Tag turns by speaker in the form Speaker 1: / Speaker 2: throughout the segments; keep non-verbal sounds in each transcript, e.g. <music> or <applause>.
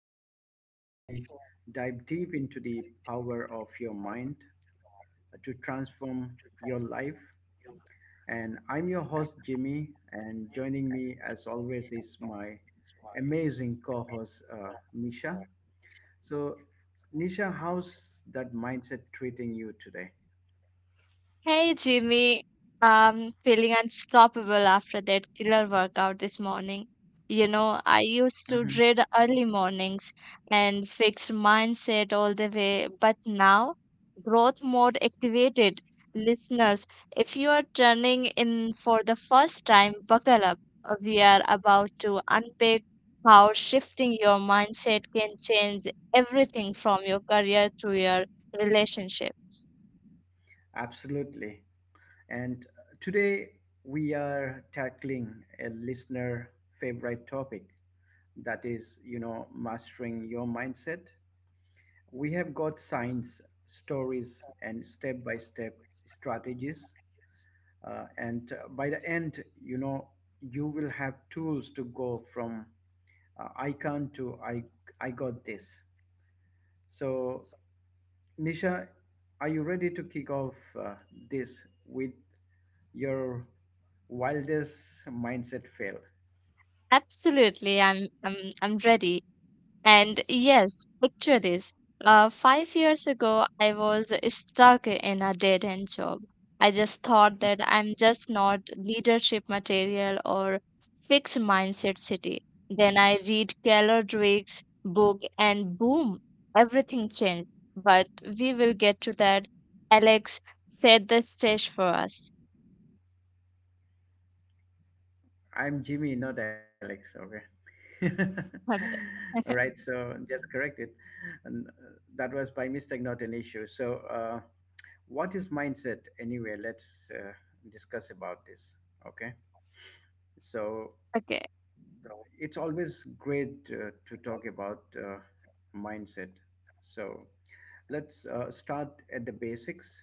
Speaker 1: the show where we dive deep into the power of your mind to transform your life. And I'm your host, Jimmy, and joining me, as always, is my amazing co host, Nisha. So, Nisha, how's that mindset treating you today?
Speaker 2: Hey Jimmy, I'm feeling unstoppable after that killer workout this morning. You know, I
Speaker 1: hmm
Speaker 2: used to dread early mornings and fixed mindset all the way, but now growth mode activated. Listeners, if you are turning in for the first time, buckle up. We are about to unpack how shifting your mindset can change everything from your career to your relationships.
Speaker 1: Absolutely. And Today we are tackling a listener favorite topic, that is, you know, mastering your mindset. We have got science, stories, and step by step strategies. And By the end, you know, you will have tools to go from I can't to I got this. So Nisha, are you ready to kick off this with your wildest mindset fail?
Speaker 2: Absolutely, I'm ready. And yes, picture this. 5 years ago, I was stuck in a dead-end job. I just thought that I'm just not leadership material or fixed mindset city. Then I read Keller Drake's book, and boom, everything changed. But we will get to that. Alex, set the stage for us.
Speaker 1: I'm Jimmy, not Alex, okay? <laughs> All
Speaker 2: Okay. <laughs>
Speaker 1: right, so just correct it. And That was by mistake, not an issue. So, what is mindset anyway? Let's discuss about this, okay? So,
Speaker 2: Okay.
Speaker 1: it's always great to talk about mindset. So let's start at the basics.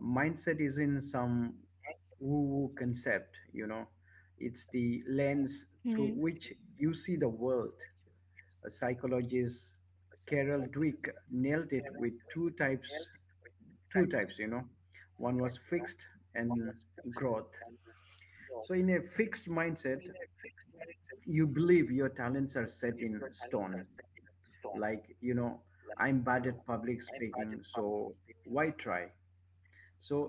Speaker 1: Mindset is in some woo concept, you know, it's the lens
Speaker 2: Hmm.
Speaker 1: through which you see the world. A psychologist Carol Dweck nailed it with two types, you know, one was fixed and growth. So, in a fixed mindset, you believe your talents are set in stone. Like, you know, I'm bad at public speaking, so why try? So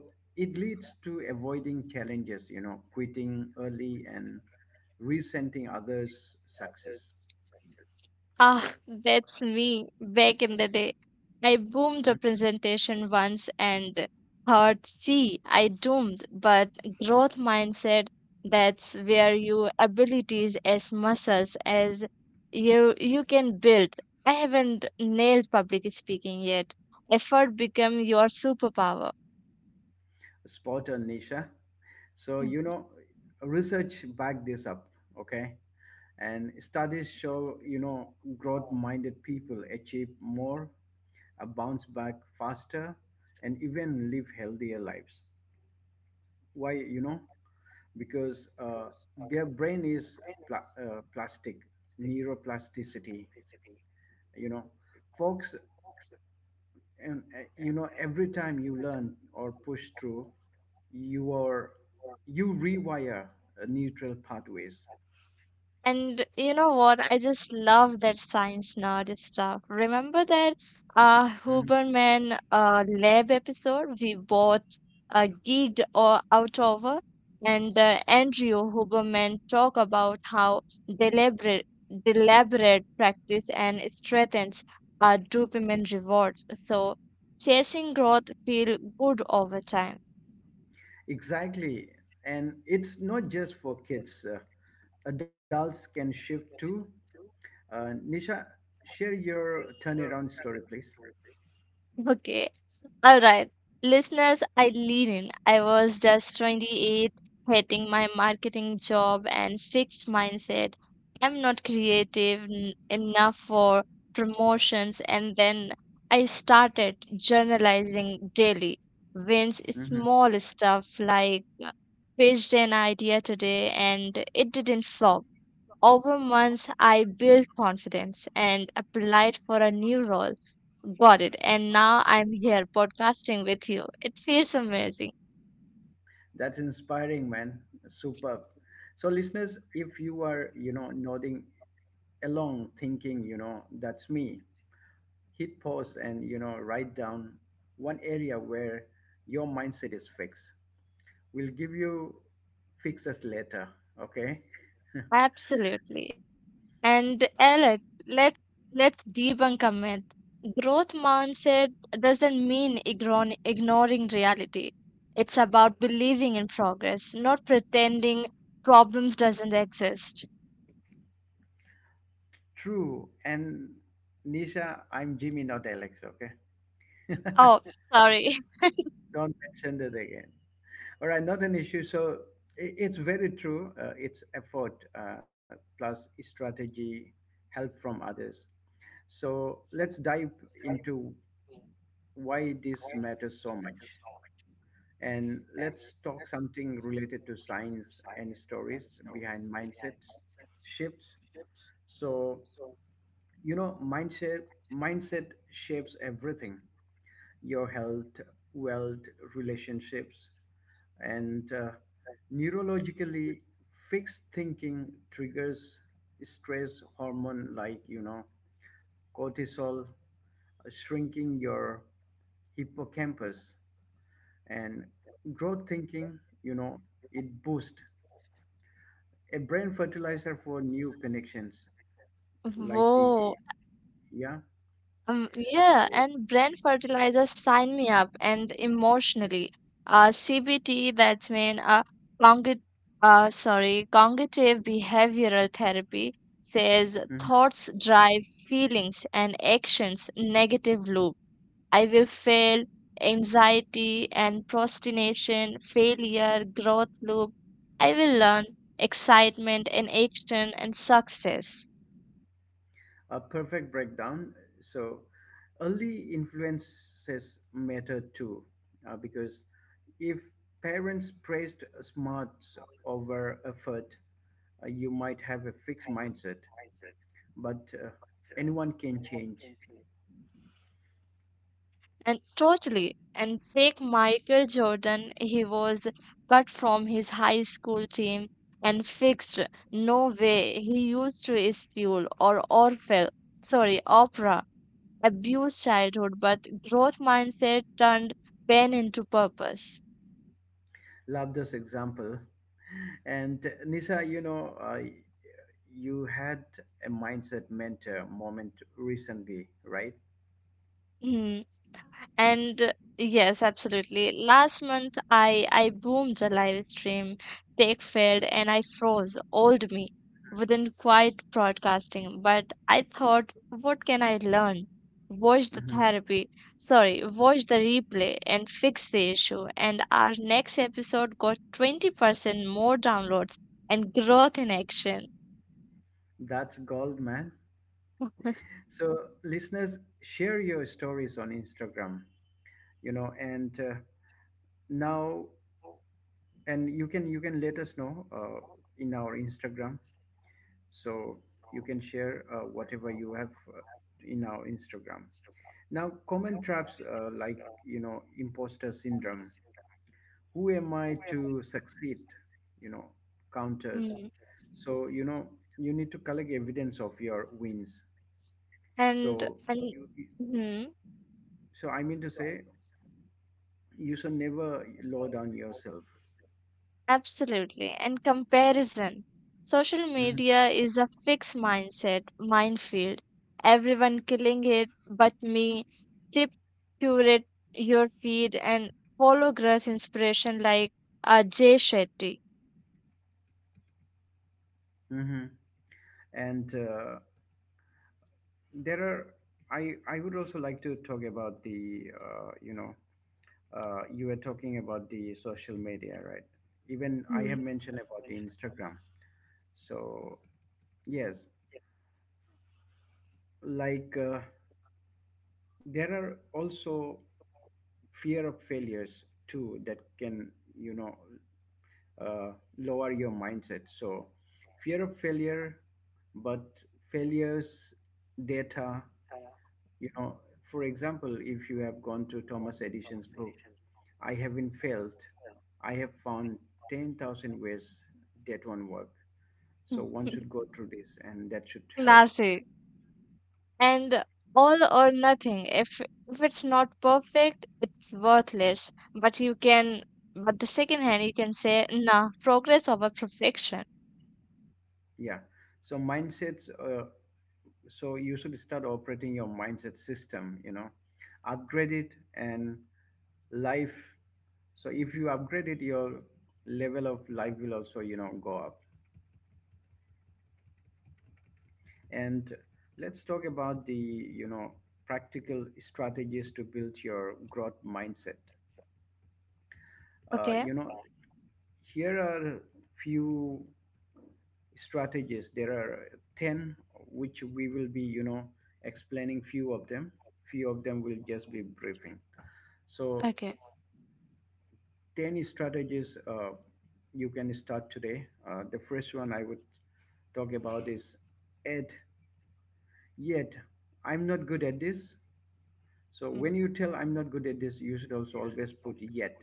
Speaker 1: it leads to avoiding challenges, you know, quitting early, and resenting others' success.
Speaker 2: Ah, that's me back in the day. I boomed a
Speaker 1: Hmm?
Speaker 2: presentation once and thought, see, I doomed, but growth mindset, that's where your abilities as muscles as you can build. I haven't nailed public speaking yet. Effort become your superpower.
Speaker 1: Spot on, Nisha. So, you know, research back this up, okay? And studies show, you know, growth minded people achieve more, bounce back faster, and even live healthier lives. Why? You know, because their brain is plastic. Neuroplasticity, you know, folks. And You know, every time you learn or push through, you are you rewire neutral pathways.
Speaker 2: And you know what? I just love that science nerd stuff. Remember that
Speaker 1: Mhm.
Speaker 2: Huberman lab episode we both geeked or out over? And Andrew Huberman talk about how deliberate deliberate practice and strengthens dopamine rewards. So chasing growth feel good over time. <laughs>
Speaker 1: Exactly. And it's not just for kids. Adults can shift too. Nisha, share your turnaround story, please.
Speaker 2: Okay. All right, listeners, I lean in. I was just 28, hating my marketing job and fixed mindset. I'm not creative enough for promotions. And then I started journalizing daily, wins
Speaker 1: Mm-hmm.
Speaker 2: small stuff like pitched an idea today and it didn't flop. Over months, I built confidence and applied for a new role. Got it. And now I'm here podcasting with you. It feels amazing.
Speaker 1: That's inspiring, man. Superb. So, listeners, if you are, you know, nodding along, thinking, you know, that's me, hit pause and, you know, write down one area where your mindset is fixed. We'll give you fixes later, okay?
Speaker 2: Absolutely. And Alec, let's let's debunk a myth. Growth mindset doesn't mean ignoring reality. It's about believing in progress, not pretending problems doesn't exist.
Speaker 1: True. And Nisha, I'm Jimmy, not Alex, okay?
Speaker 2: Oh, sorry. <laughs>
Speaker 1: <laughs> Don't mention that again. All right, not an issue. So it's very true. It's effort plus strategy, help from others. So let's dive into why this matters so much. And let's talk something related to science and stories behind mindset shifts. So, you know, mindset shapes everything: your health, wealth, relationships. And Neurologically, fixed thinking triggers stress hormone like, you know, cortisol, shrinking your hippocampus. And growth thinking, you know, it boosts a brain fertilizer for new connections, like the
Speaker 2: Whoa,
Speaker 1: yeah.
Speaker 2: Yeah, and
Speaker 1: So
Speaker 2: brand fertilizers sign me up and emotionally. CBT, that's mean cognitive, sorry, cognitive behavioral therapy says
Speaker 1: mm-hmm.
Speaker 2: thoughts drive feelings and actions, negative loop. I will fail, anxiety and procrastination, failure, growth loop. I will learn, excitement and action and success.
Speaker 1: A perfect breakdown. So early influences matter too, because if parents praised smarts over effort, you might have a fixed mindset, but anyone can change.
Speaker 2: And totally, and fake Michael Jordan, he was cut from his high school team and fixed. No way. He used to is fuel or orfel sorry opera abused childhood, but growth mindset turned pain into purpose.
Speaker 1: Love this example. And Nisa, you know, you had a mindset mentor moment recently, right?
Speaker 2: Hmm. And yes, absolutely. Last month, I boomed a live stream. Tech failed, and I froze. Old me wasn't quite broadcasting. But I thought, what can I learn? Watch the
Speaker 1: Hmm.
Speaker 2: therapy. Sorry, watch the replay and fix the issue. And our next episode got 20% more downloads and growth in action.
Speaker 1: That's gold, man. So, listeners, share your stories on Instagram, you know. And Now, and you can let us know in our Instagram. So you can share whatever you have in our Instagram. Now, common traps, like, you know, imposter syndrome. Who am I to succeed? You know, counters.
Speaker 2: Hmm.
Speaker 1: So, you know, you need to collect evidence of your wins.
Speaker 2: And
Speaker 1: So
Speaker 2: and
Speaker 1: you, you-
Speaker 2: hmm?
Speaker 1: I mean to say, you should never lower down yourself.
Speaker 2: Absolutely. And comparison. Social
Speaker 1: Hmm.
Speaker 2: media is a fixed mindset, minefield. Everyone killing it but me. Tip, curate your feed and follow growth inspiration like Jay Shetty.
Speaker 1: Hmm. and there are— I would also like to talk about the, you know, you were talking about the social media, right? Even I
Speaker 2: Hmm.
Speaker 1: have mentioned about the Instagram. So yes, like, there are also fear of failures too that can, you know, lower your mindset. So, fear of failure, but failures, data, you know. For example, if you have gone to Thomas Edison's book, I haven't failed, I have found 10,000 ways that won't work. So, one should go through this and that should help.
Speaker 2: Classic. And all or nothing. If it's not perfect, it's worthless. But you can, but the second hand, you can say, nah, progress over perfection.
Speaker 1: Yeah. So, mindsets, so you should start operating your mindset system, you know, upgrade it and life. So if you upgrade it, your level of life will also, you know, go up. And let's talk about the, you know, practical strategies to build your growth mindset. uh,
Speaker 2: Okay.
Speaker 1: you know Here are few strategies. There are 10 which we will be, you know, explaining few of them, few of them will just be briefing. So,
Speaker 2: Okay.
Speaker 1: 10 strategies you can start today. The first one I would talk about is add yet. I'm not good at this. So,
Speaker 2: Mm.
Speaker 1: when you tell I'm not good at this, you should also always put yet.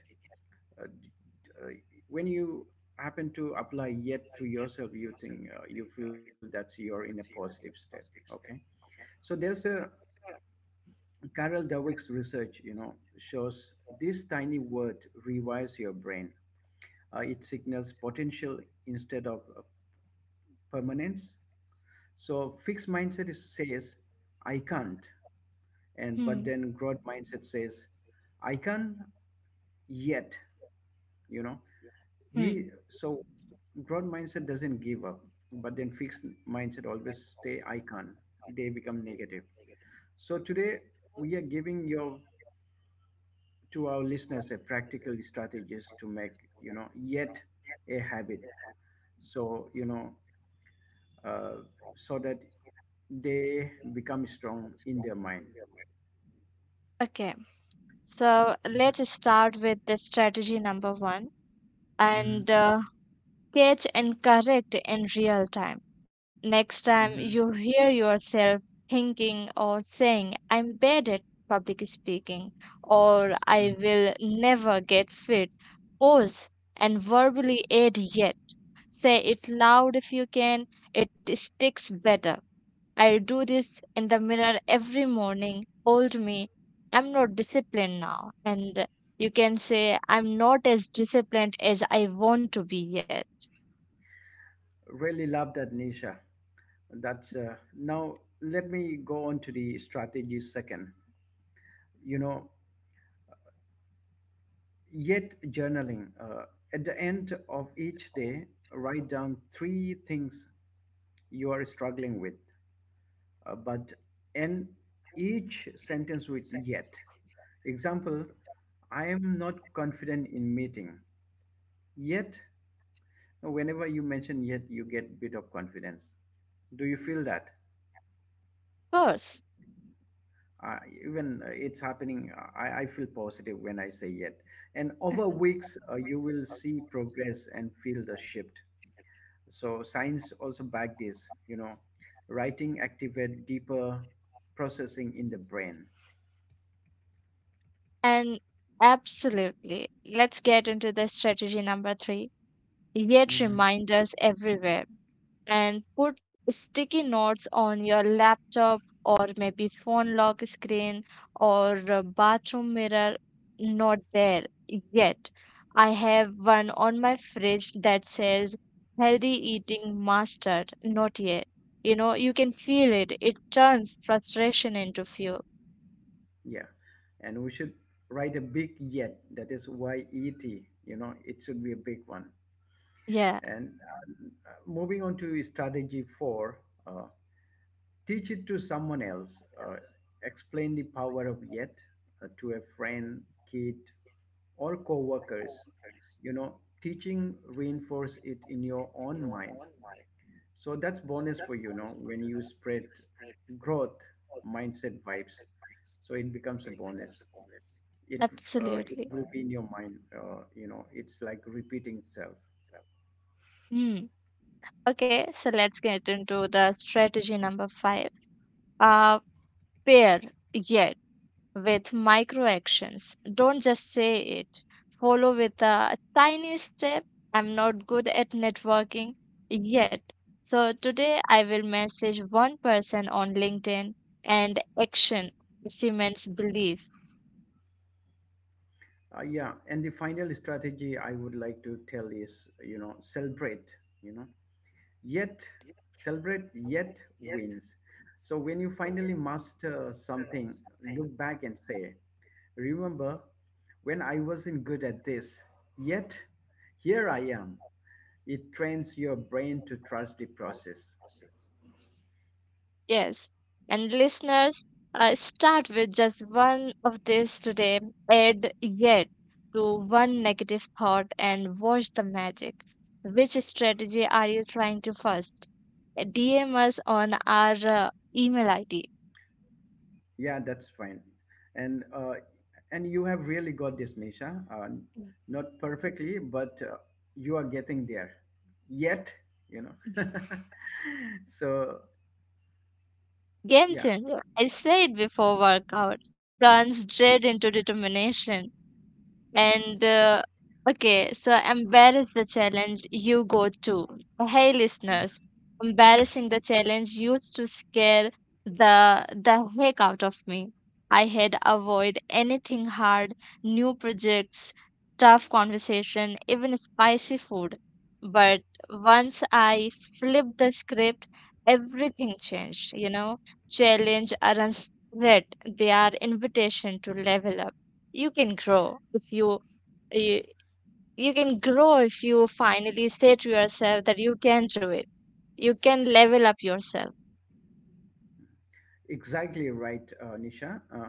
Speaker 1: Uh, d- uh, when you happen to apply yet to yourself, you think— you feel that you're in a positive step. Okay. So, there's a Carol Dweck's research, you know, shows this tiny word rewires your brain. It signals potential instead of permanence. So fixed mindset is, says, I can't. And but
Speaker 2: Mm.
Speaker 1: then growth mindset says, I can yet, you know.
Speaker 2: Mm.
Speaker 1: He so growth mindset doesn't give up, but then fixed mindset always stay I can. Not. They become negative. So today we are giving your to our listeners a practical strategies to make, you know, yet a habit. So, you know, uh, so that they become strong in their mind.
Speaker 2: Okay. So
Speaker 1: hmm
Speaker 2: let's start with the strategy number one
Speaker 1: hmm
Speaker 2: and catch and correct in real time. Next
Speaker 1: hmm
Speaker 2: time you hear yourself thinking or saying, I'm bad at public speaking, or I
Speaker 1: hmm
Speaker 2: will never get fit, pause and verbally add yet. Say it loud if you can, it sticks better. I do this in the mirror every morning. Hold me, I'm not disciplined now. And you can say, I'm not as disciplined as I want to be yet.
Speaker 1: Really love that, Nisha. That's now. Let me go on to the strategy second. You know, yet journaling. At the end of each day, write down three things you are struggling with, but end each sentence with yet. Example: I am not confident in meeting. Yet. Whenever you mention yet, you get bit of confidence. Do you feel that?
Speaker 2: Of course.
Speaker 1: Uh, Even it's happening, I feel positive when I say yet. And over weeks, you will see progress and feel the shift. So science also back this, you know, writing activate deeper processing in the brain.
Speaker 2: And absolutely. Let's get into the strategy number three. Yet
Speaker 1: Hmm.
Speaker 2: reminders everywhere. And put sticky notes on your laptop or maybe phone lock screen or a bathroom mirror. Not there yet. I have one on my fridge that says healthy eating mastered. Not yet. You know, you can feel it. It turns frustration into fuel.
Speaker 1: Yeah, and we should write a big yet. That is why ET. You know, it should be a big one.
Speaker 2: Yeah,
Speaker 1: And Moving on to strategy four, uh, teach it to someone else. Explain the power of yet to a friend, kid, or co-workers. You know, teaching reinforce it in your own mind. So that's bonus for, you know, when you spread growth mindset vibes. So it becomes a bonus. It— it
Speaker 2: absolutely.
Speaker 1: will be in your mind. You know, it's like repeating itself.
Speaker 2: Hmm. Okay, so let's get into the strategy number five. Uh, Pair. Yes. With micro actions. Don't just say it. Follow with a tiny step. I'm not good at networking yet. So today I will message one person on LinkedIn and action cements belief.
Speaker 1: Yeah, and the final strategy I would like to tell is, you know, celebrate, you know, yet— celebrate, yet wins. So when you finally master something, look back and say, remember when I wasn't good at this, yet here I am. It trains your brain to trust the process.
Speaker 2: Yes. And listeners, start with just one of these today. Add yet to one negative thought and watch the magic. Which strategy are you trying to first? DM us on our email ID.
Speaker 1: Yeah, that's fine. And uh, and you have really got this, Nisha. Not perfectly, but you are getting there. Yet, you know. <laughs> So
Speaker 2: Game
Speaker 1: yeah.
Speaker 2: changer. I said before workout turns dread into determination. And okay, so embarrass the challenge you go to. Hey, listeners,
Speaker 1: Mhm.
Speaker 2: embarrassing the challenge used to scare the heck out of me. I had avoid anything hard, new projects, tough conversation, even spicy food. But once I flipped the script, everything changed. You know, challenge aren't threat; they are invitation to level up. You can grow if you, you can grow if you finally say to yourself that you can do it. You can level up yourself.
Speaker 1: Exactly right, Nisha.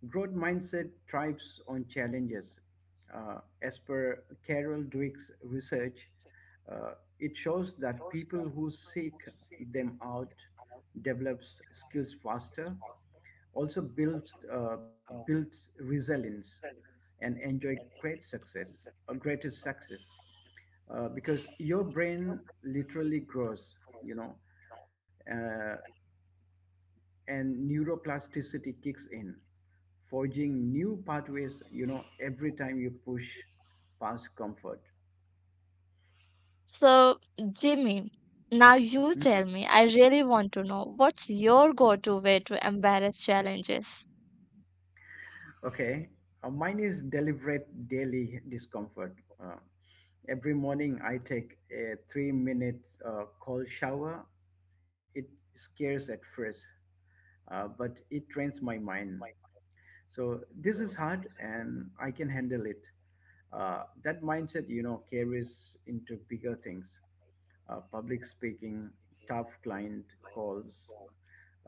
Speaker 1: Growth mindset thrives on challenges. As per Carol Dweck's research, uh, it shows that people who seek them out develops skills faster, also built— builds resilience and enjoy great success, a greater success, because your brain literally grows, you know. uh, and neuroplasticity kicks in, forging new pathways, you know, every time you push past comfort.
Speaker 2: So, Jimmy, now you tell
Speaker 1: Hmm?
Speaker 2: me, I really want to know what's your go to way to embarrass challenges?
Speaker 1: Okay. Mine is deliberate daily discomfort. Every morning I take a 3 minute cold shower. It scares at first, but it trains my mind. So this is hard and I can handle it. That mindset, you know, carries into bigger things: public speaking, tough client calls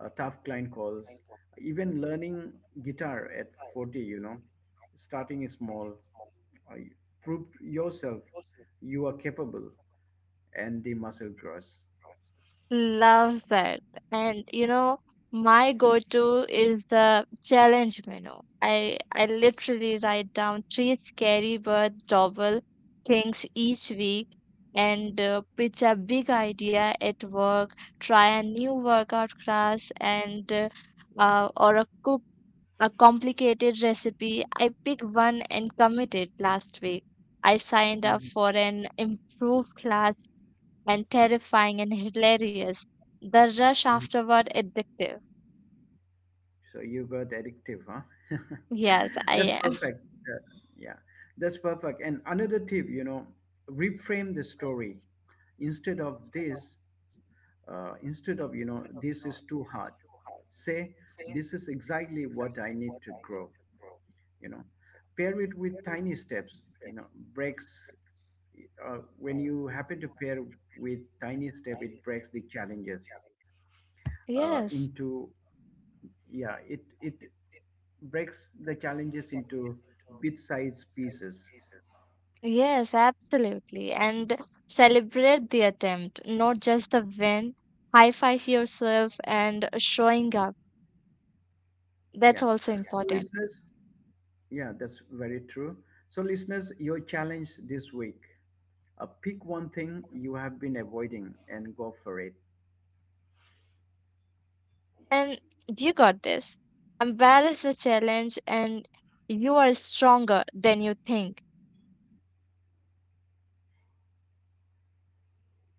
Speaker 1: tough client calls, even learning guitar at 40, you know, starting small. uh, Prove yourself you are capable and the muscle grows.
Speaker 2: Love that. And you know, my go-to is the challenge menu. I literally write down three scary but doable things each week and pitch a big idea at work, try a new workout class and or a cook a complicated recipe. I pick one and commit it last week. I signed up
Speaker 1: Mhm.
Speaker 2: for an improved class and terrifying and hilarious. The rush
Speaker 1: Mhm.
Speaker 2: afterward addictive.
Speaker 1: So you got addictive, huh? <laughs>
Speaker 2: Yes,
Speaker 1: That's
Speaker 2: I am. <laughs>
Speaker 1: perfect. Yeah, that's perfect. And another tip, you know, reframe the story. Instead of this, Instead of, you know, this is too hard, say, this is exactly what I need to grow. You know, pair it with tiny steps, you know, breaks— when you happen to pair with tiny step, it breaks the challenges into—
Speaker 2: Yes.
Speaker 1: yeah, it breaks the challenges into bit-sized pieces.
Speaker 2: Yes, absolutely. And celebrate the attempt, not just the win. High five yourself and showing up. That's
Speaker 1: Yeah.
Speaker 2: also
Speaker 1: So
Speaker 2: important.
Speaker 1: listeners, yeah, that's very true. So listeners, your challenge this week: pick one thing you have been avoiding and go for it.
Speaker 2: And you got this. Embrace the challenge and you are stronger than you think.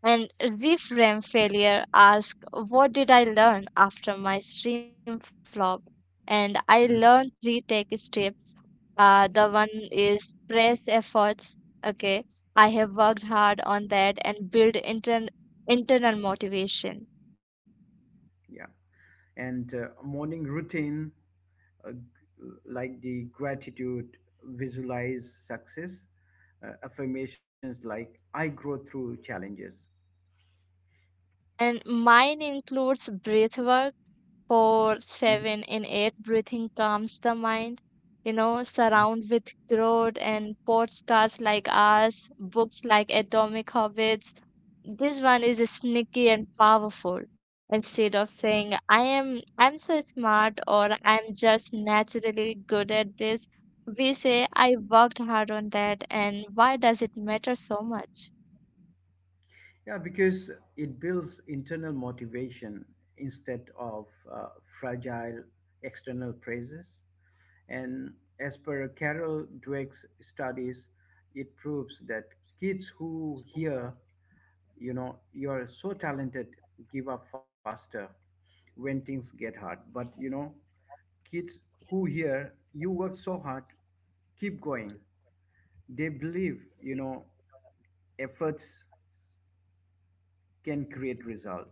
Speaker 2: And reframe failure. Ask, what did I learn after my stream flop? And I learned
Speaker 1: Mm.
Speaker 2: three tech tips. The one is press efforts. Okay, I have worked hard on that and build internal motivation.
Speaker 1: Yeah. and Morning routine, uh, g- like the gratitude, visualize success, affirmations like I grow through challenges.
Speaker 2: And mine includes breath work. Four,
Speaker 1: Mhm.
Speaker 2: seven, and eight breathing calms the mind. You know, surround
Speaker 1: Mhm.
Speaker 2: with growth and podcasts like ours, books like Atomic Habits. This one is sneaky and powerful. Instead of saying, I am, I'm so smart or I'm just naturally good at this, we say, I worked hard on that and why does it matter so much?
Speaker 1: Yeah, because it builds internal motivation instead of fragile external praises. And as per Carol Dweck's studies, it proves that kids who hear, you know, you're so talented, give up faster when things get hard. But, you know, kids who hear you work so hard keep going. They believe, you know, efforts can create result.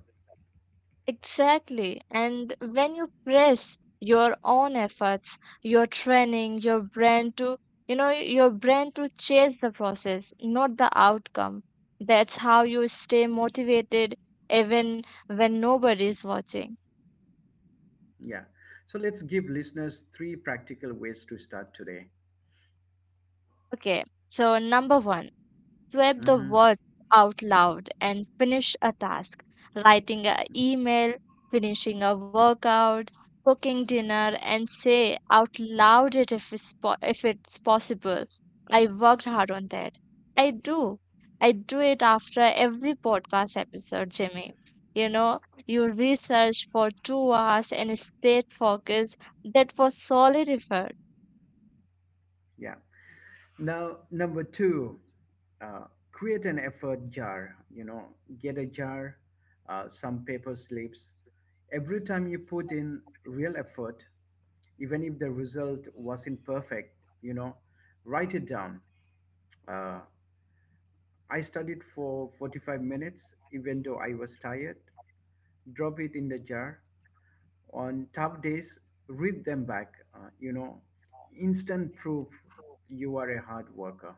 Speaker 2: Exactly. And when you press your own efforts, your training, your brain to, chase the process, not the outcome. That's how you stay motivated even when nobody is watching.
Speaker 1: Yeah. So let's give listeners three practical ways to start today.
Speaker 2: Okay, so number one, swipe the
Speaker 1: Hmm.
Speaker 2: words out loud and finish a task. Writing an email, finishing a workout, cooking dinner, and say out loud it if it's possible. I worked hard on that. I do. I do it after every podcast episode, Jimmy. You know, you research for 2 hours and stay focused. That was solid effort.
Speaker 1: Yeah. Now, number two, uh, create an effort jar. You know, get a jar, some paper slips. Every time you put in real effort, even if the result wasn't perfect, you know, write it down. Uh, I studied for 45 minutes, even though I was tired. Drop it in the jar. On tough days, read them back. Instant proof you are a hard worker.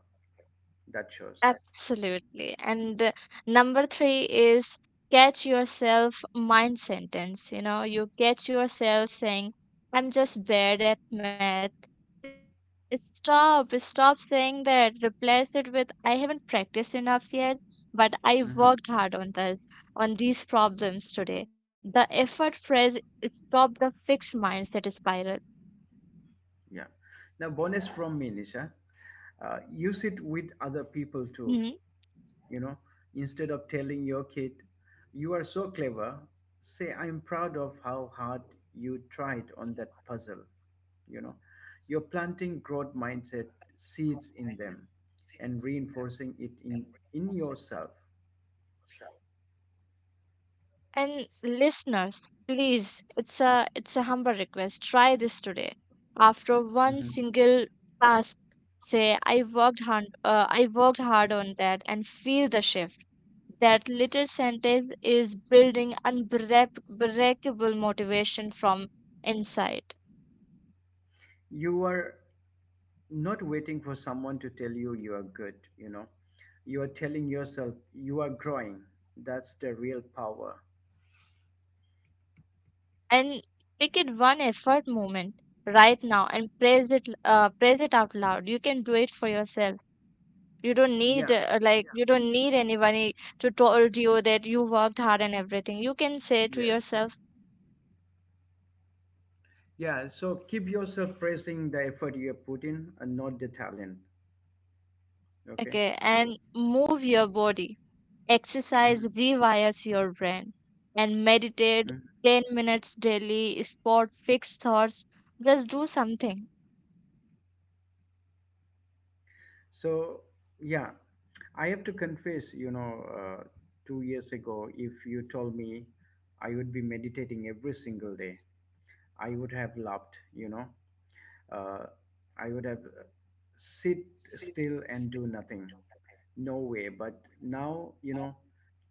Speaker 1: That shows.
Speaker 2: Absolutely. And number three is catch yourself mind sentence. You know, you catch yourself saying, I'm just bad at math. Stop, stop saying that. Replace it with, I haven't practiced enough yet, but I worked hard on
Speaker 1: Mhm.
Speaker 2: this, on these problems today. The effort phrase stop the fixed mindset spiral.
Speaker 1: Yeah. Now, bonus from me, Nisha. Use it with other
Speaker 2: Mm-hmm.
Speaker 1: people too. You know, instead of telling your kid you are so clever, say, I'm proud of how hard you tried on that puzzle. You know, you're planting growth mindset seeds in them and reinforcing it in yourself.
Speaker 2: And listeners, please, it's a humble request. Try this today. After one
Speaker 1: Mhm.
Speaker 2: single task, say I worked hard. I worked hard on that, and feel the shift. That little sentence is building unbreakable motivation from inside.
Speaker 1: You are not waiting for someone to tell you you are good. You know, you are telling yourself you are growing. That's the real power.
Speaker 2: And pick it one effort moment right now and praise it. Praise it out loud. You can do it for yourself. you don't need
Speaker 1: Yeah.
Speaker 2: uh, like you don't need anybody to told you that you worked hard and everything. You can say to
Speaker 1: Yes.
Speaker 2: yourself.
Speaker 1: Yeah, so keep yourself praising the effort you have put in and not the talent. Okay.
Speaker 2: Okay. And move your body, exercise
Speaker 1: Hmm.
Speaker 2: rewires your brain, and
Speaker 1: Hmm.
Speaker 2: meditate 10 minutes daily, spot fixed thoughts, just do something.
Speaker 1: So, yeah, I have to confess, you know, 2 years ago, if you told me I would be meditating every single day, I would have laughed, you know. Uh, I would have sit still and do nothing. No way. But now, you know,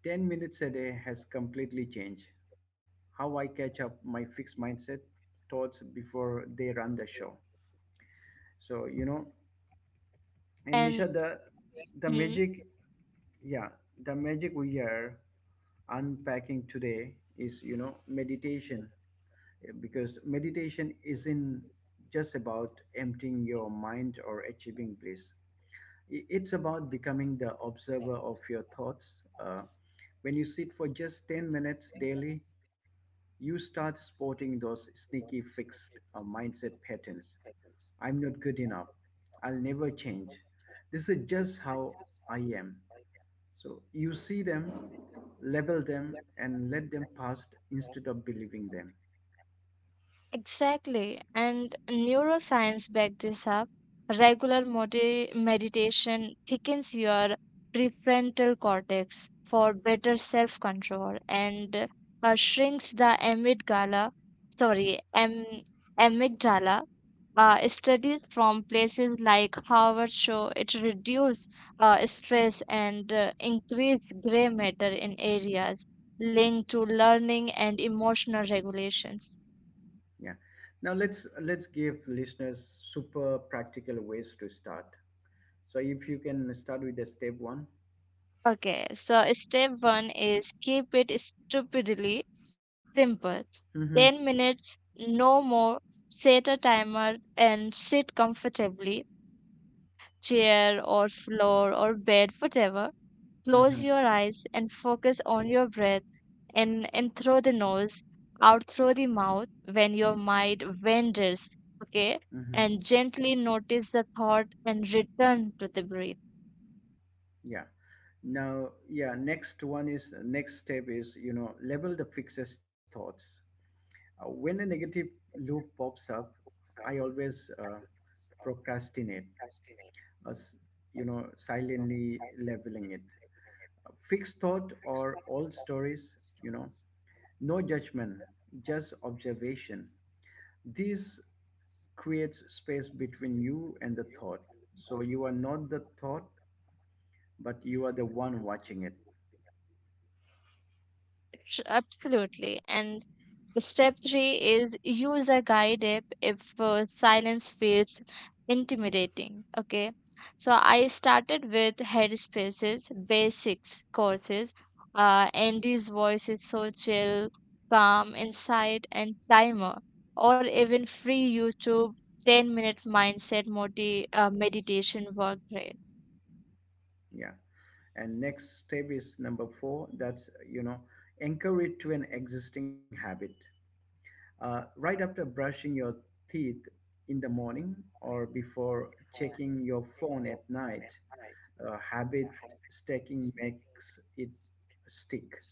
Speaker 1: 10 minutes a day has completely changed how I catch up my fixed mindset thoughts before they run the show. So, you know, and
Speaker 2: And
Speaker 1: Nisha, the
Speaker 2: mm.
Speaker 1: magic, yeah, the magic we are unpacking today is, you know, meditation, because meditation isn't just about emptying your mind or achieving bliss. It's about becoming the observer of your thoughts. When you sit for just 10 minutes daily, you start spotting those sneaky fixed mindset patterns. I'm not good enough. I'll never change. This is just how I am. So you see them, label them, and let them pass instead of believing them.
Speaker 2: Exactly. And neuroscience back this up. Regular meditation thickens your prefrontal cortex for better self control and shrinks the amygdala, sorry, am amygdala. Studies from places like Harvard show it reduces stress and increase gray matter in areas linked to learning and emotional regulations.
Speaker 1: Yeah. Now let's give listeners super practical ways to start. So if you can start with the step one.
Speaker 2: Okay, so step one is keep it stupidly simple.
Speaker 1: Mm-hmm.
Speaker 2: 10 minutes, no more. Set a timer and sit comfortably, chair or floor or bed, whatever. Close your
Speaker 1: Mm-hmm.
Speaker 2: eyes and focus on your breath and in through the nose, out through the mouth when your mind wanders. Okay, and
Speaker 1: Mm-hmm.
Speaker 2: gently notice the thought and return to the breath.
Speaker 1: Yeah. Now, yeah. Next one is Next step is, you know, label the fixes thoughts. When a negative loop pops up, I always procrastinate, as you know, silently labeling it. Fixed thought or old stories. You know, no judgment, just observation. This creates space between you and the thought. So you are not the thought, but you are the one watching it.
Speaker 2: Absolutely, and step three is use a guide app if silence feels intimidating. Okay, so I started with Headspace's basics courses. Andy's voice is so chill, calm, inside, and timer, or even free YouTube 10 minute mindset meditation workshop.
Speaker 1: Yeah. And next step is number four. That's, you know, anchor it to an existing habit. Right after brushing your teeth in the morning or before checking your phone at night, habit stacking makes it stick.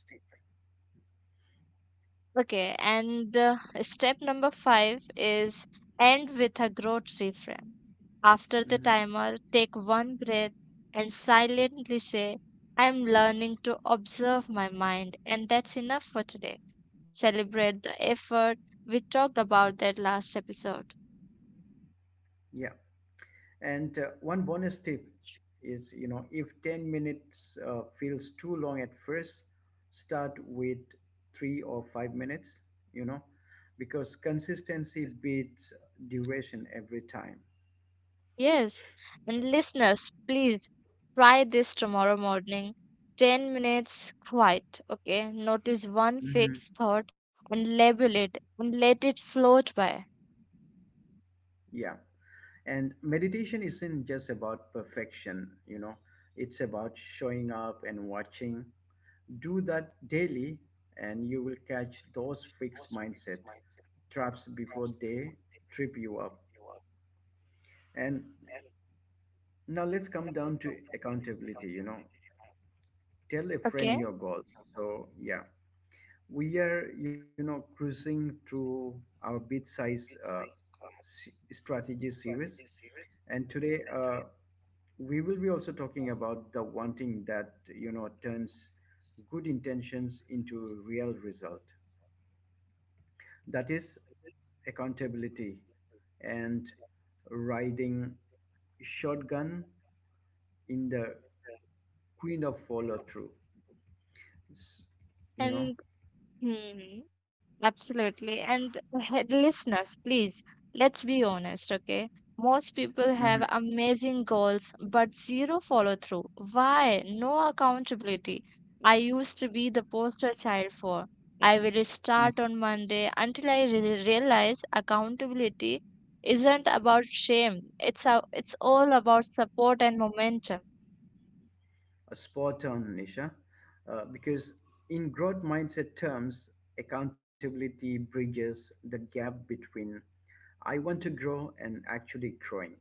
Speaker 2: Okay, and step number five is end with a grocery frame. After the
Speaker 1: Mhm.
Speaker 2: timer, take one breath and silently say, I am learning to observe my mind, and that's enough for today. Celebrate the effort. We talked about that last episode.
Speaker 1: Yeah. And one bonus tip is, you know, if 10 minutes feels too long at first, start with 3 or 5 minutes, you know, because consistency beats duration every time.
Speaker 2: Yes, and listeners, please try this tomorrow morning. 10 minutes quiet, okay? Notice one
Speaker 1: Mhm.
Speaker 2: fixed thought and label it and let it float by,
Speaker 1: Yeah. And meditation isn't just about perfection, you know, it's about showing up and watching. Do that daily, and you will catch those fixed mindset traps before they trip you up. And now let's come down to accountability, you know. Tell a friend
Speaker 2: okay?
Speaker 1: your goals. So yeah, we are, you know, cruising through our bit size strategy series. And today we will be also talking about the wanting that, you know, turns good intentions into real result. That is accountability and riding shotgun in the queen of follow through. s- you know.
Speaker 2: And hmm, Absolutely. And listeners, please, let's be honest, okay? Most people
Speaker 1: Mm-hmm.
Speaker 2: have amazing goals, but zero follow through. Why? No accountability. I used to be the poster child for. I will start on Monday until I realize accountability isn't about shame. It's all about support and momentum.
Speaker 1: Spot on, Nisha. Because in growth mindset terms, accountability bridges the gap between I want to grow and actually growing.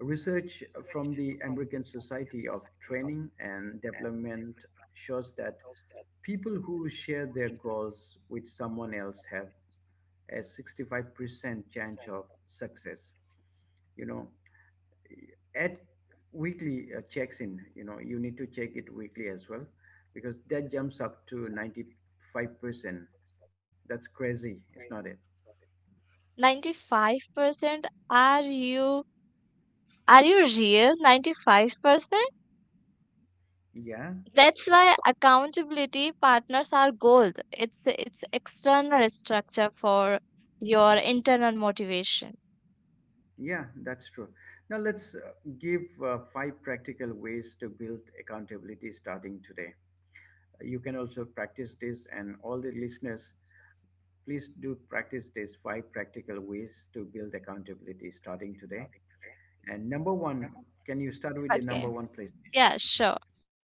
Speaker 1: Research from the American Society of Training and Development shows that people who share their goals with someone else have a 65% chance of success, you know, at weekly checks in. You know, you need to check it weekly as well, because that jumps up to 95%. That's crazy. It's not it.
Speaker 2: 95%? Are you, are you real? 95%?
Speaker 1: Yeah.
Speaker 2: That's why accountability partners are gold. It's external structure for your internal motivation.
Speaker 1: Yeah, that's true. Now let's give five practical ways to build accountability starting today. You can also practice this. And all the listeners, please do practice these five practical ways to build accountability starting today. And number one, can you start with the
Speaker 2: Okay.
Speaker 1: number one, please?
Speaker 2: Yeah, sure.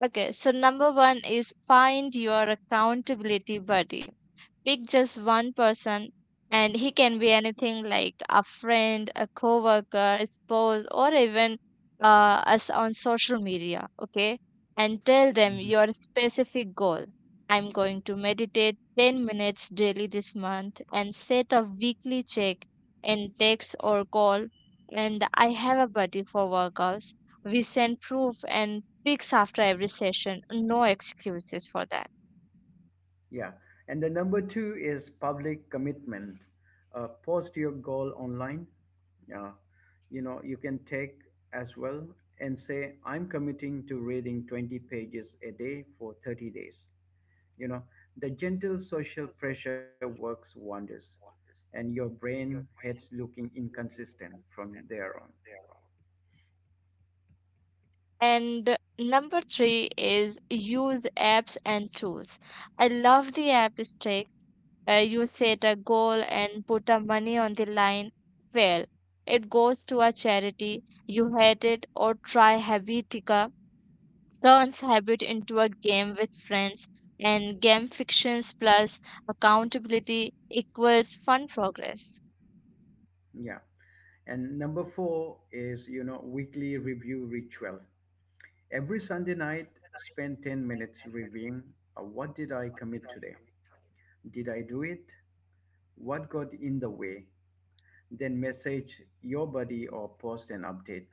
Speaker 2: Okay, so number one is find your accountability buddy. Pick just one person, and he can be anything like a friend, a coworker, a spouse, or even us on social media, okay? And tell them your specific goal. I'm going to meditate 10 minutes daily this month and set a weekly check in text or call. And I have a buddy for workouts. We send proof and pics after every session. No excuses for that.
Speaker 1: Yeah. And the number two is public commitment. Post your goal online. Uh, you know, you can take as well and say, I'm committing to reading 20 pages a day for 30 days. You know, the gentle social pressure works wonders, and your brain hates looking inconsistent from there on.
Speaker 2: And number three is use apps and tools. I love the app Stick. You set a goal and put a money on the line. Well, it goes to a charity you hate, it or try Habitica. Turns habit into a game with friends. And game fictions plus accountability equals fun progress.
Speaker 1: Yeah. And number four is, you know, weekly review ritual. Every Sunday night, spend 10 minutes reviewing what did I commit today? Did I do it? What got in the way? Then message your buddy or post an update.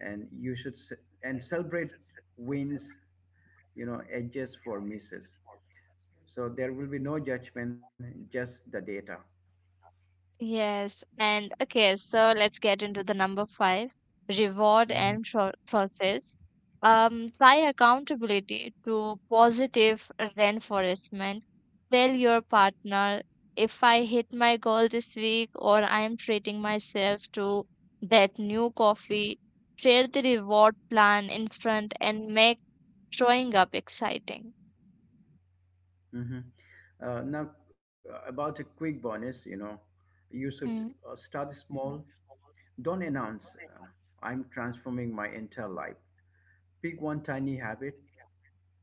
Speaker 1: And you should s- and celebrate wins, you know, edges for misses. So there will be no judgment, just the data.
Speaker 2: Yes, and okay, so let's get into the number five, reward
Speaker 1: Hmm.
Speaker 2: and pro process. Tie accountability to positive reinforcement. Tell your partner, if I hit my goal this week, or I'm treating myself to that new coffee. Share the reward plan in front and make showing up exciting.
Speaker 1: Hmm. Now, about a quick bonus, you know, you should
Speaker 2: Hmm.
Speaker 1: start small. Don't announce, I'm transforming my entire life. Pick one tiny habit,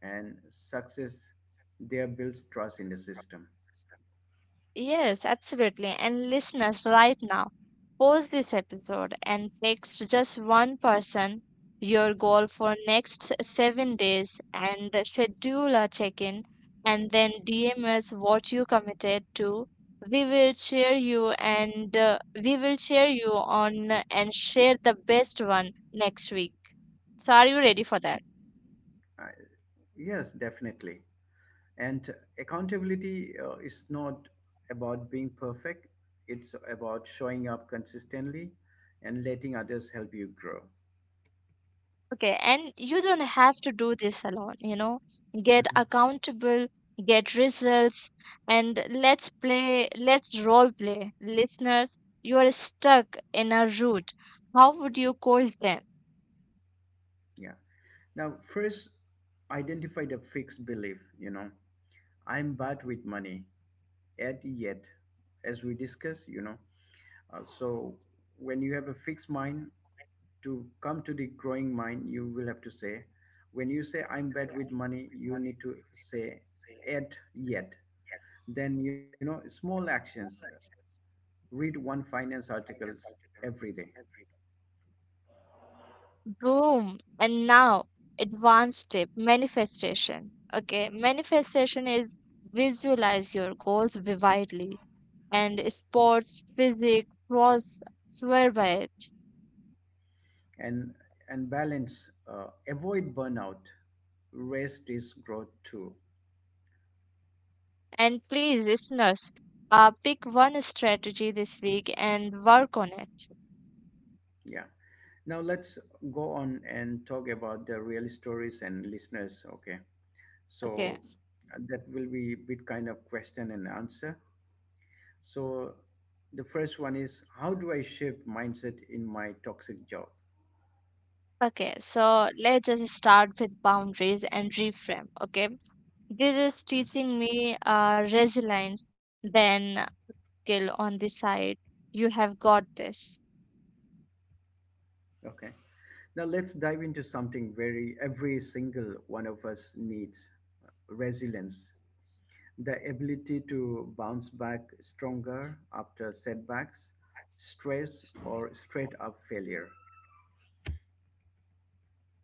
Speaker 1: and success there builds trust in the system.
Speaker 2: Yes, absolutely. And listeners, right now, pause this episode and text just one person your goal for next 7 days and schedule a check-in, and then DM us what you committed to. We will share you, and we will share you on and share the best one next week. So are you ready for that?
Speaker 1: Uh, yes, definitely. And accountability is not about being perfect, it's about showing up consistently and letting others help you grow.
Speaker 2: Okay, and you don't have to do this alone, you know. Get
Speaker 1: Mhm.
Speaker 2: accountable, get results, and let's role play. Listeners, you are stuck in a route. How would you call them?
Speaker 1: Yeah. Now, first, identify the fixed belief. You know, I'm bad with money. At yet, as we discussed, you know, so when you have a fixed mind, to come to the growing mind, you will have to say, when you say I'm bad with money, you need to say at yet. Then, you know, small actions. Read one finance article every day.
Speaker 2: Boom. And now, advanced step, manifestation. Okay, manifestation is visualize your goals vividly, and sports, physics, pros, swear by it.
Speaker 1: and and balance. Avoid burnout. Rest is growth too.
Speaker 2: And please, listeners, pick one strategy this week and work on it.
Speaker 1: Yeah. Now let's go on and talk about the real stories and listeners. Okay.
Speaker 2: Okay.
Speaker 1: So that will be bit kind of question and answer. So the first one is, how do I shift mindset in my toxic job?
Speaker 2: Okay, so let's just start with boundaries and reframe. Okay. This is
Speaker 1: Mhm.
Speaker 2: teaching me resilience, then skill on the side. You have got this.
Speaker 1: Okay. Now let's dive into something very every single one of us needs: resilience, the ability to bounce back stronger after setbacks, stress, or straight up failure.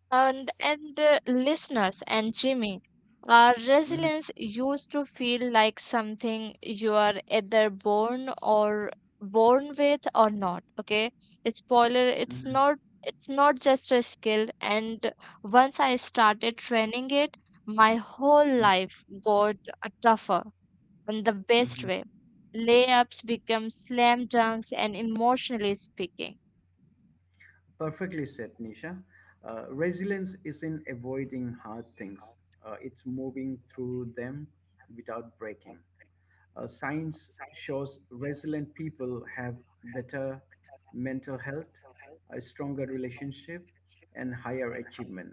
Speaker 2: And listeners and Jimmy, our
Speaker 1: Mhm.
Speaker 2: resilience used to feel like something you are either born with or not. Okay, spoiler, it's
Speaker 1: Mhm.
Speaker 2: not, it's not just a skill. And once I started training it, my whole
Speaker 1: Mhm.
Speaker 2: life got tougher in the best
Speaker 1: Mhm.
Speaker 2: way. Layups become slam dunks, and emotionally speaking.
Speaker 1: Perfectly said, Nisha. Resilience isn't avoiding hard things, it's moving through them without breaking. Science shows resilient people have better mental health, a stronger relationship, and higher achievement.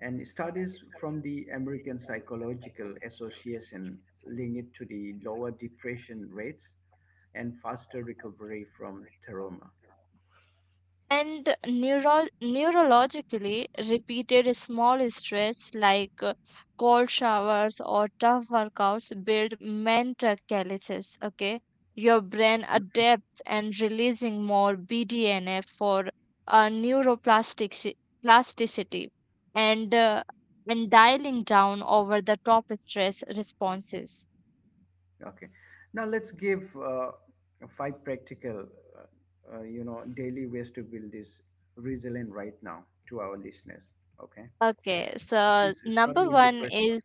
Speaker 1: And studies from the American Psychological Association link it to the lower depression rates and faster recovery from trauma.
Speaker 2: And neurologically, repeated small stress like cold showers or tough workouts build mental calluses. Okay, your brain adapts and releasing more BDNF for neuroplastic plasticity, and uh, and dialing down over the top stress responses.
Speaker 1: Okay. Now let's give five practical, you know, daily ways to build this resilient right now to our listeners. Okay.
Speaker 2: Okay, so
Speaker 1: Please start
Speaker 2: number
Speaker 1: with the
Speaker 2: one
Speaker 1: first one.
Speaker 2: is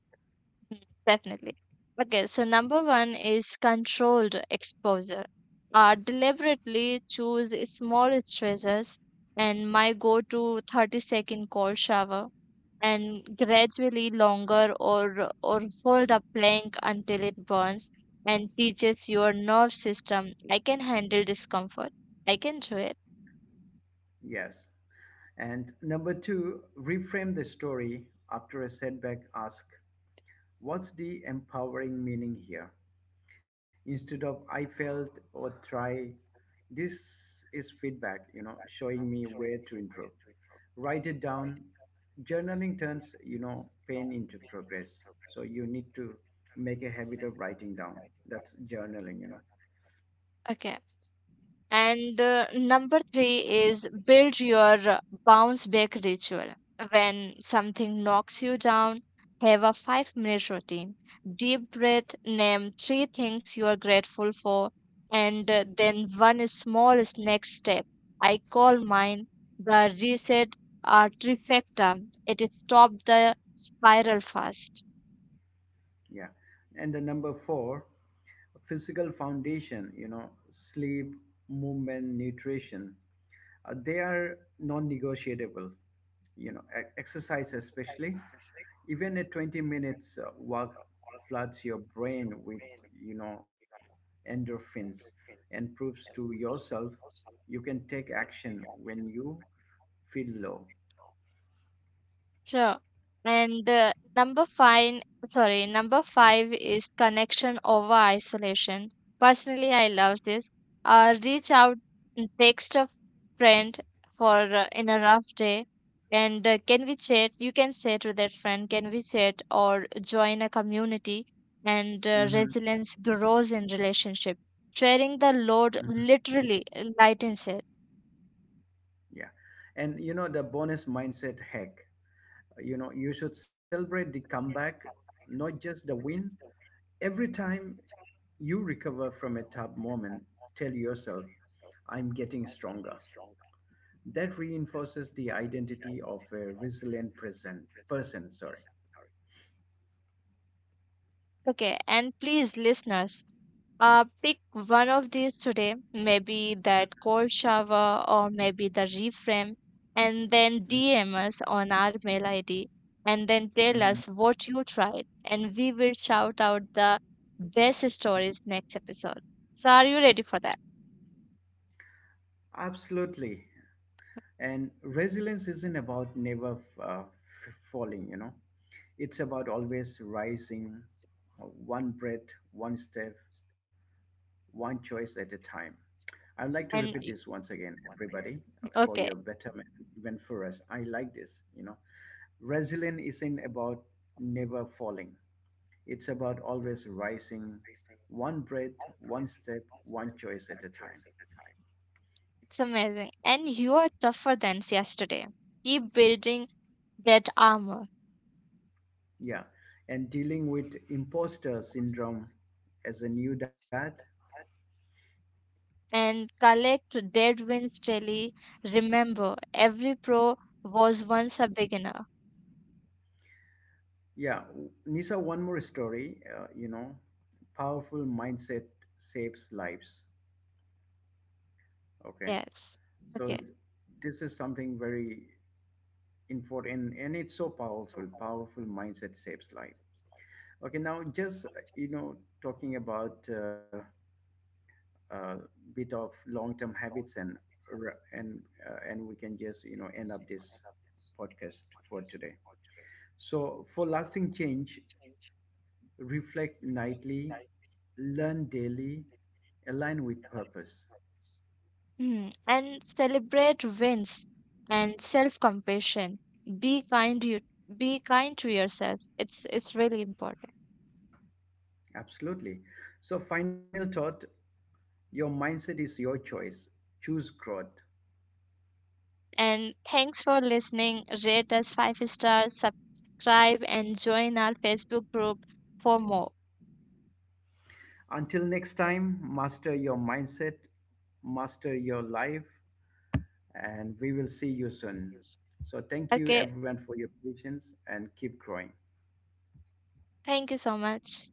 Speaker 2: Mm, definitely. Okay, so number one is controlled exposure. Deliberately choose small stressors, and my go to 30 second cold shower and gradually longer, or hold a plank until it burns, and teaches your nerve system I can handle discomfort. I can do it.
Speaker 1: Yes. And number two, reframe the story after a setback. Ask, what's the empowering meaning here? Instead of I failed or try, this is feedback, you know, showing me where to improve. Write it down. Journaling turns, you know, pain into progress. So you need to make a habit of writing down. That's journaling, you know.
Speaker 2: Okay. And number three is build your bounce back ritual. When something knocks you down, have a 5 minute routine. Deep breath, name three things you are grateful for, and then one small snack step. I call mine the reset trifecta. It stops the spiral fast.
Speaker 1: Yeah. And the number four, physical foundation, you know, sleep, movement, nutrition. They are non-negotiable, you know, exercise especially. Even a 20 minutes walk floods your brain with, you know, endorphins, and proves to yourself you can take action when you feel low.
Speaker 2: Sure. And number five, sorry, number five is connection over isolation. Personally, I love this. Reach out and text a friend for in a rough day, and can we chat? You can say to that friend, can we chat, or join a community? And
Speaker 1: Hmm.
Speaker 2: resilience grows in relationship. Sharing the load
Speaker 1: Hmm.
Speaker 2: literally lightens it.
Speaker 1: Yeah. And you know the bonus mindset hack, you know, you should celebrate the comeback, not just the win. Every time you recover from a tough moment, tell yourself, I'm getting stronger. That reinforces the identity of a resilient person. Person, sorry.
Speaker 2: Okay, and please, listeners, pick one of these today, maybe that cold shower or maybe the reframe, and then
Speaker 1: Mm.
Speaker 2: DM us on our mail ID, and then tell
Speaker 1: Mhm.
Speaker 2: us what you tried, and we will shout out the best stories next episode. So, are you ready for that?
Speaker 1: Absolutely. And resilience isn't about never falling. You know, it's about always rising, one breath, one step, one choice at a time. I'd like to repeat
Speaker 2: And y-
Speaker 1: this once again, everybody, for
Speaker 2: okay,
Speaker 1: your betterment, even for us. I like this, you know. Resilience isn't about never falling. It's about always rising one breath, one step, one choice at a time.
Speaker 2: it's amazing. And you are tougher than yesterday. Keep building that armor
Speaker 1: Yeah. And dealing with imposter syndrome as a new dad.
Speaker 2: and collect dead wins daily. Remember, every pro was once a beginner.
Speaker 1: Yeah. Nisa, one more story. You know, powerful mindset saves lives. Okay.
Speaker 2: Yes.
Speaker 1: So
Speaker 2: Okay.
Speaker 1: this is something very important, and it's so powerful. Powerful mindset saves life. Okay. Now, just, you know, talking about. Uh, Bit of long-term habits and r- and we can just, you know, end up this podcast for today. So for lasting change, reflect nightly, learn daily, align with purpose.
Speaker 2: Hmm. And celebrate wins and self-compassion. Be kind you be kind to yourself. It's really important.
Speaker 1: Absolutely. So final thought, your mindset is your choice. Choose growth.
Speaker 2: And thanks for listening. Rate us 5 stars, subscribe, and join our Facebook group for more.
Speaker 1: Until next time, master your mindset, master your life, and we will see you soon. So, thank you
Speaker 2: Okay.
Speaker 1: everyone for your patience and keep growing.
Speaker 2: Thank you so much.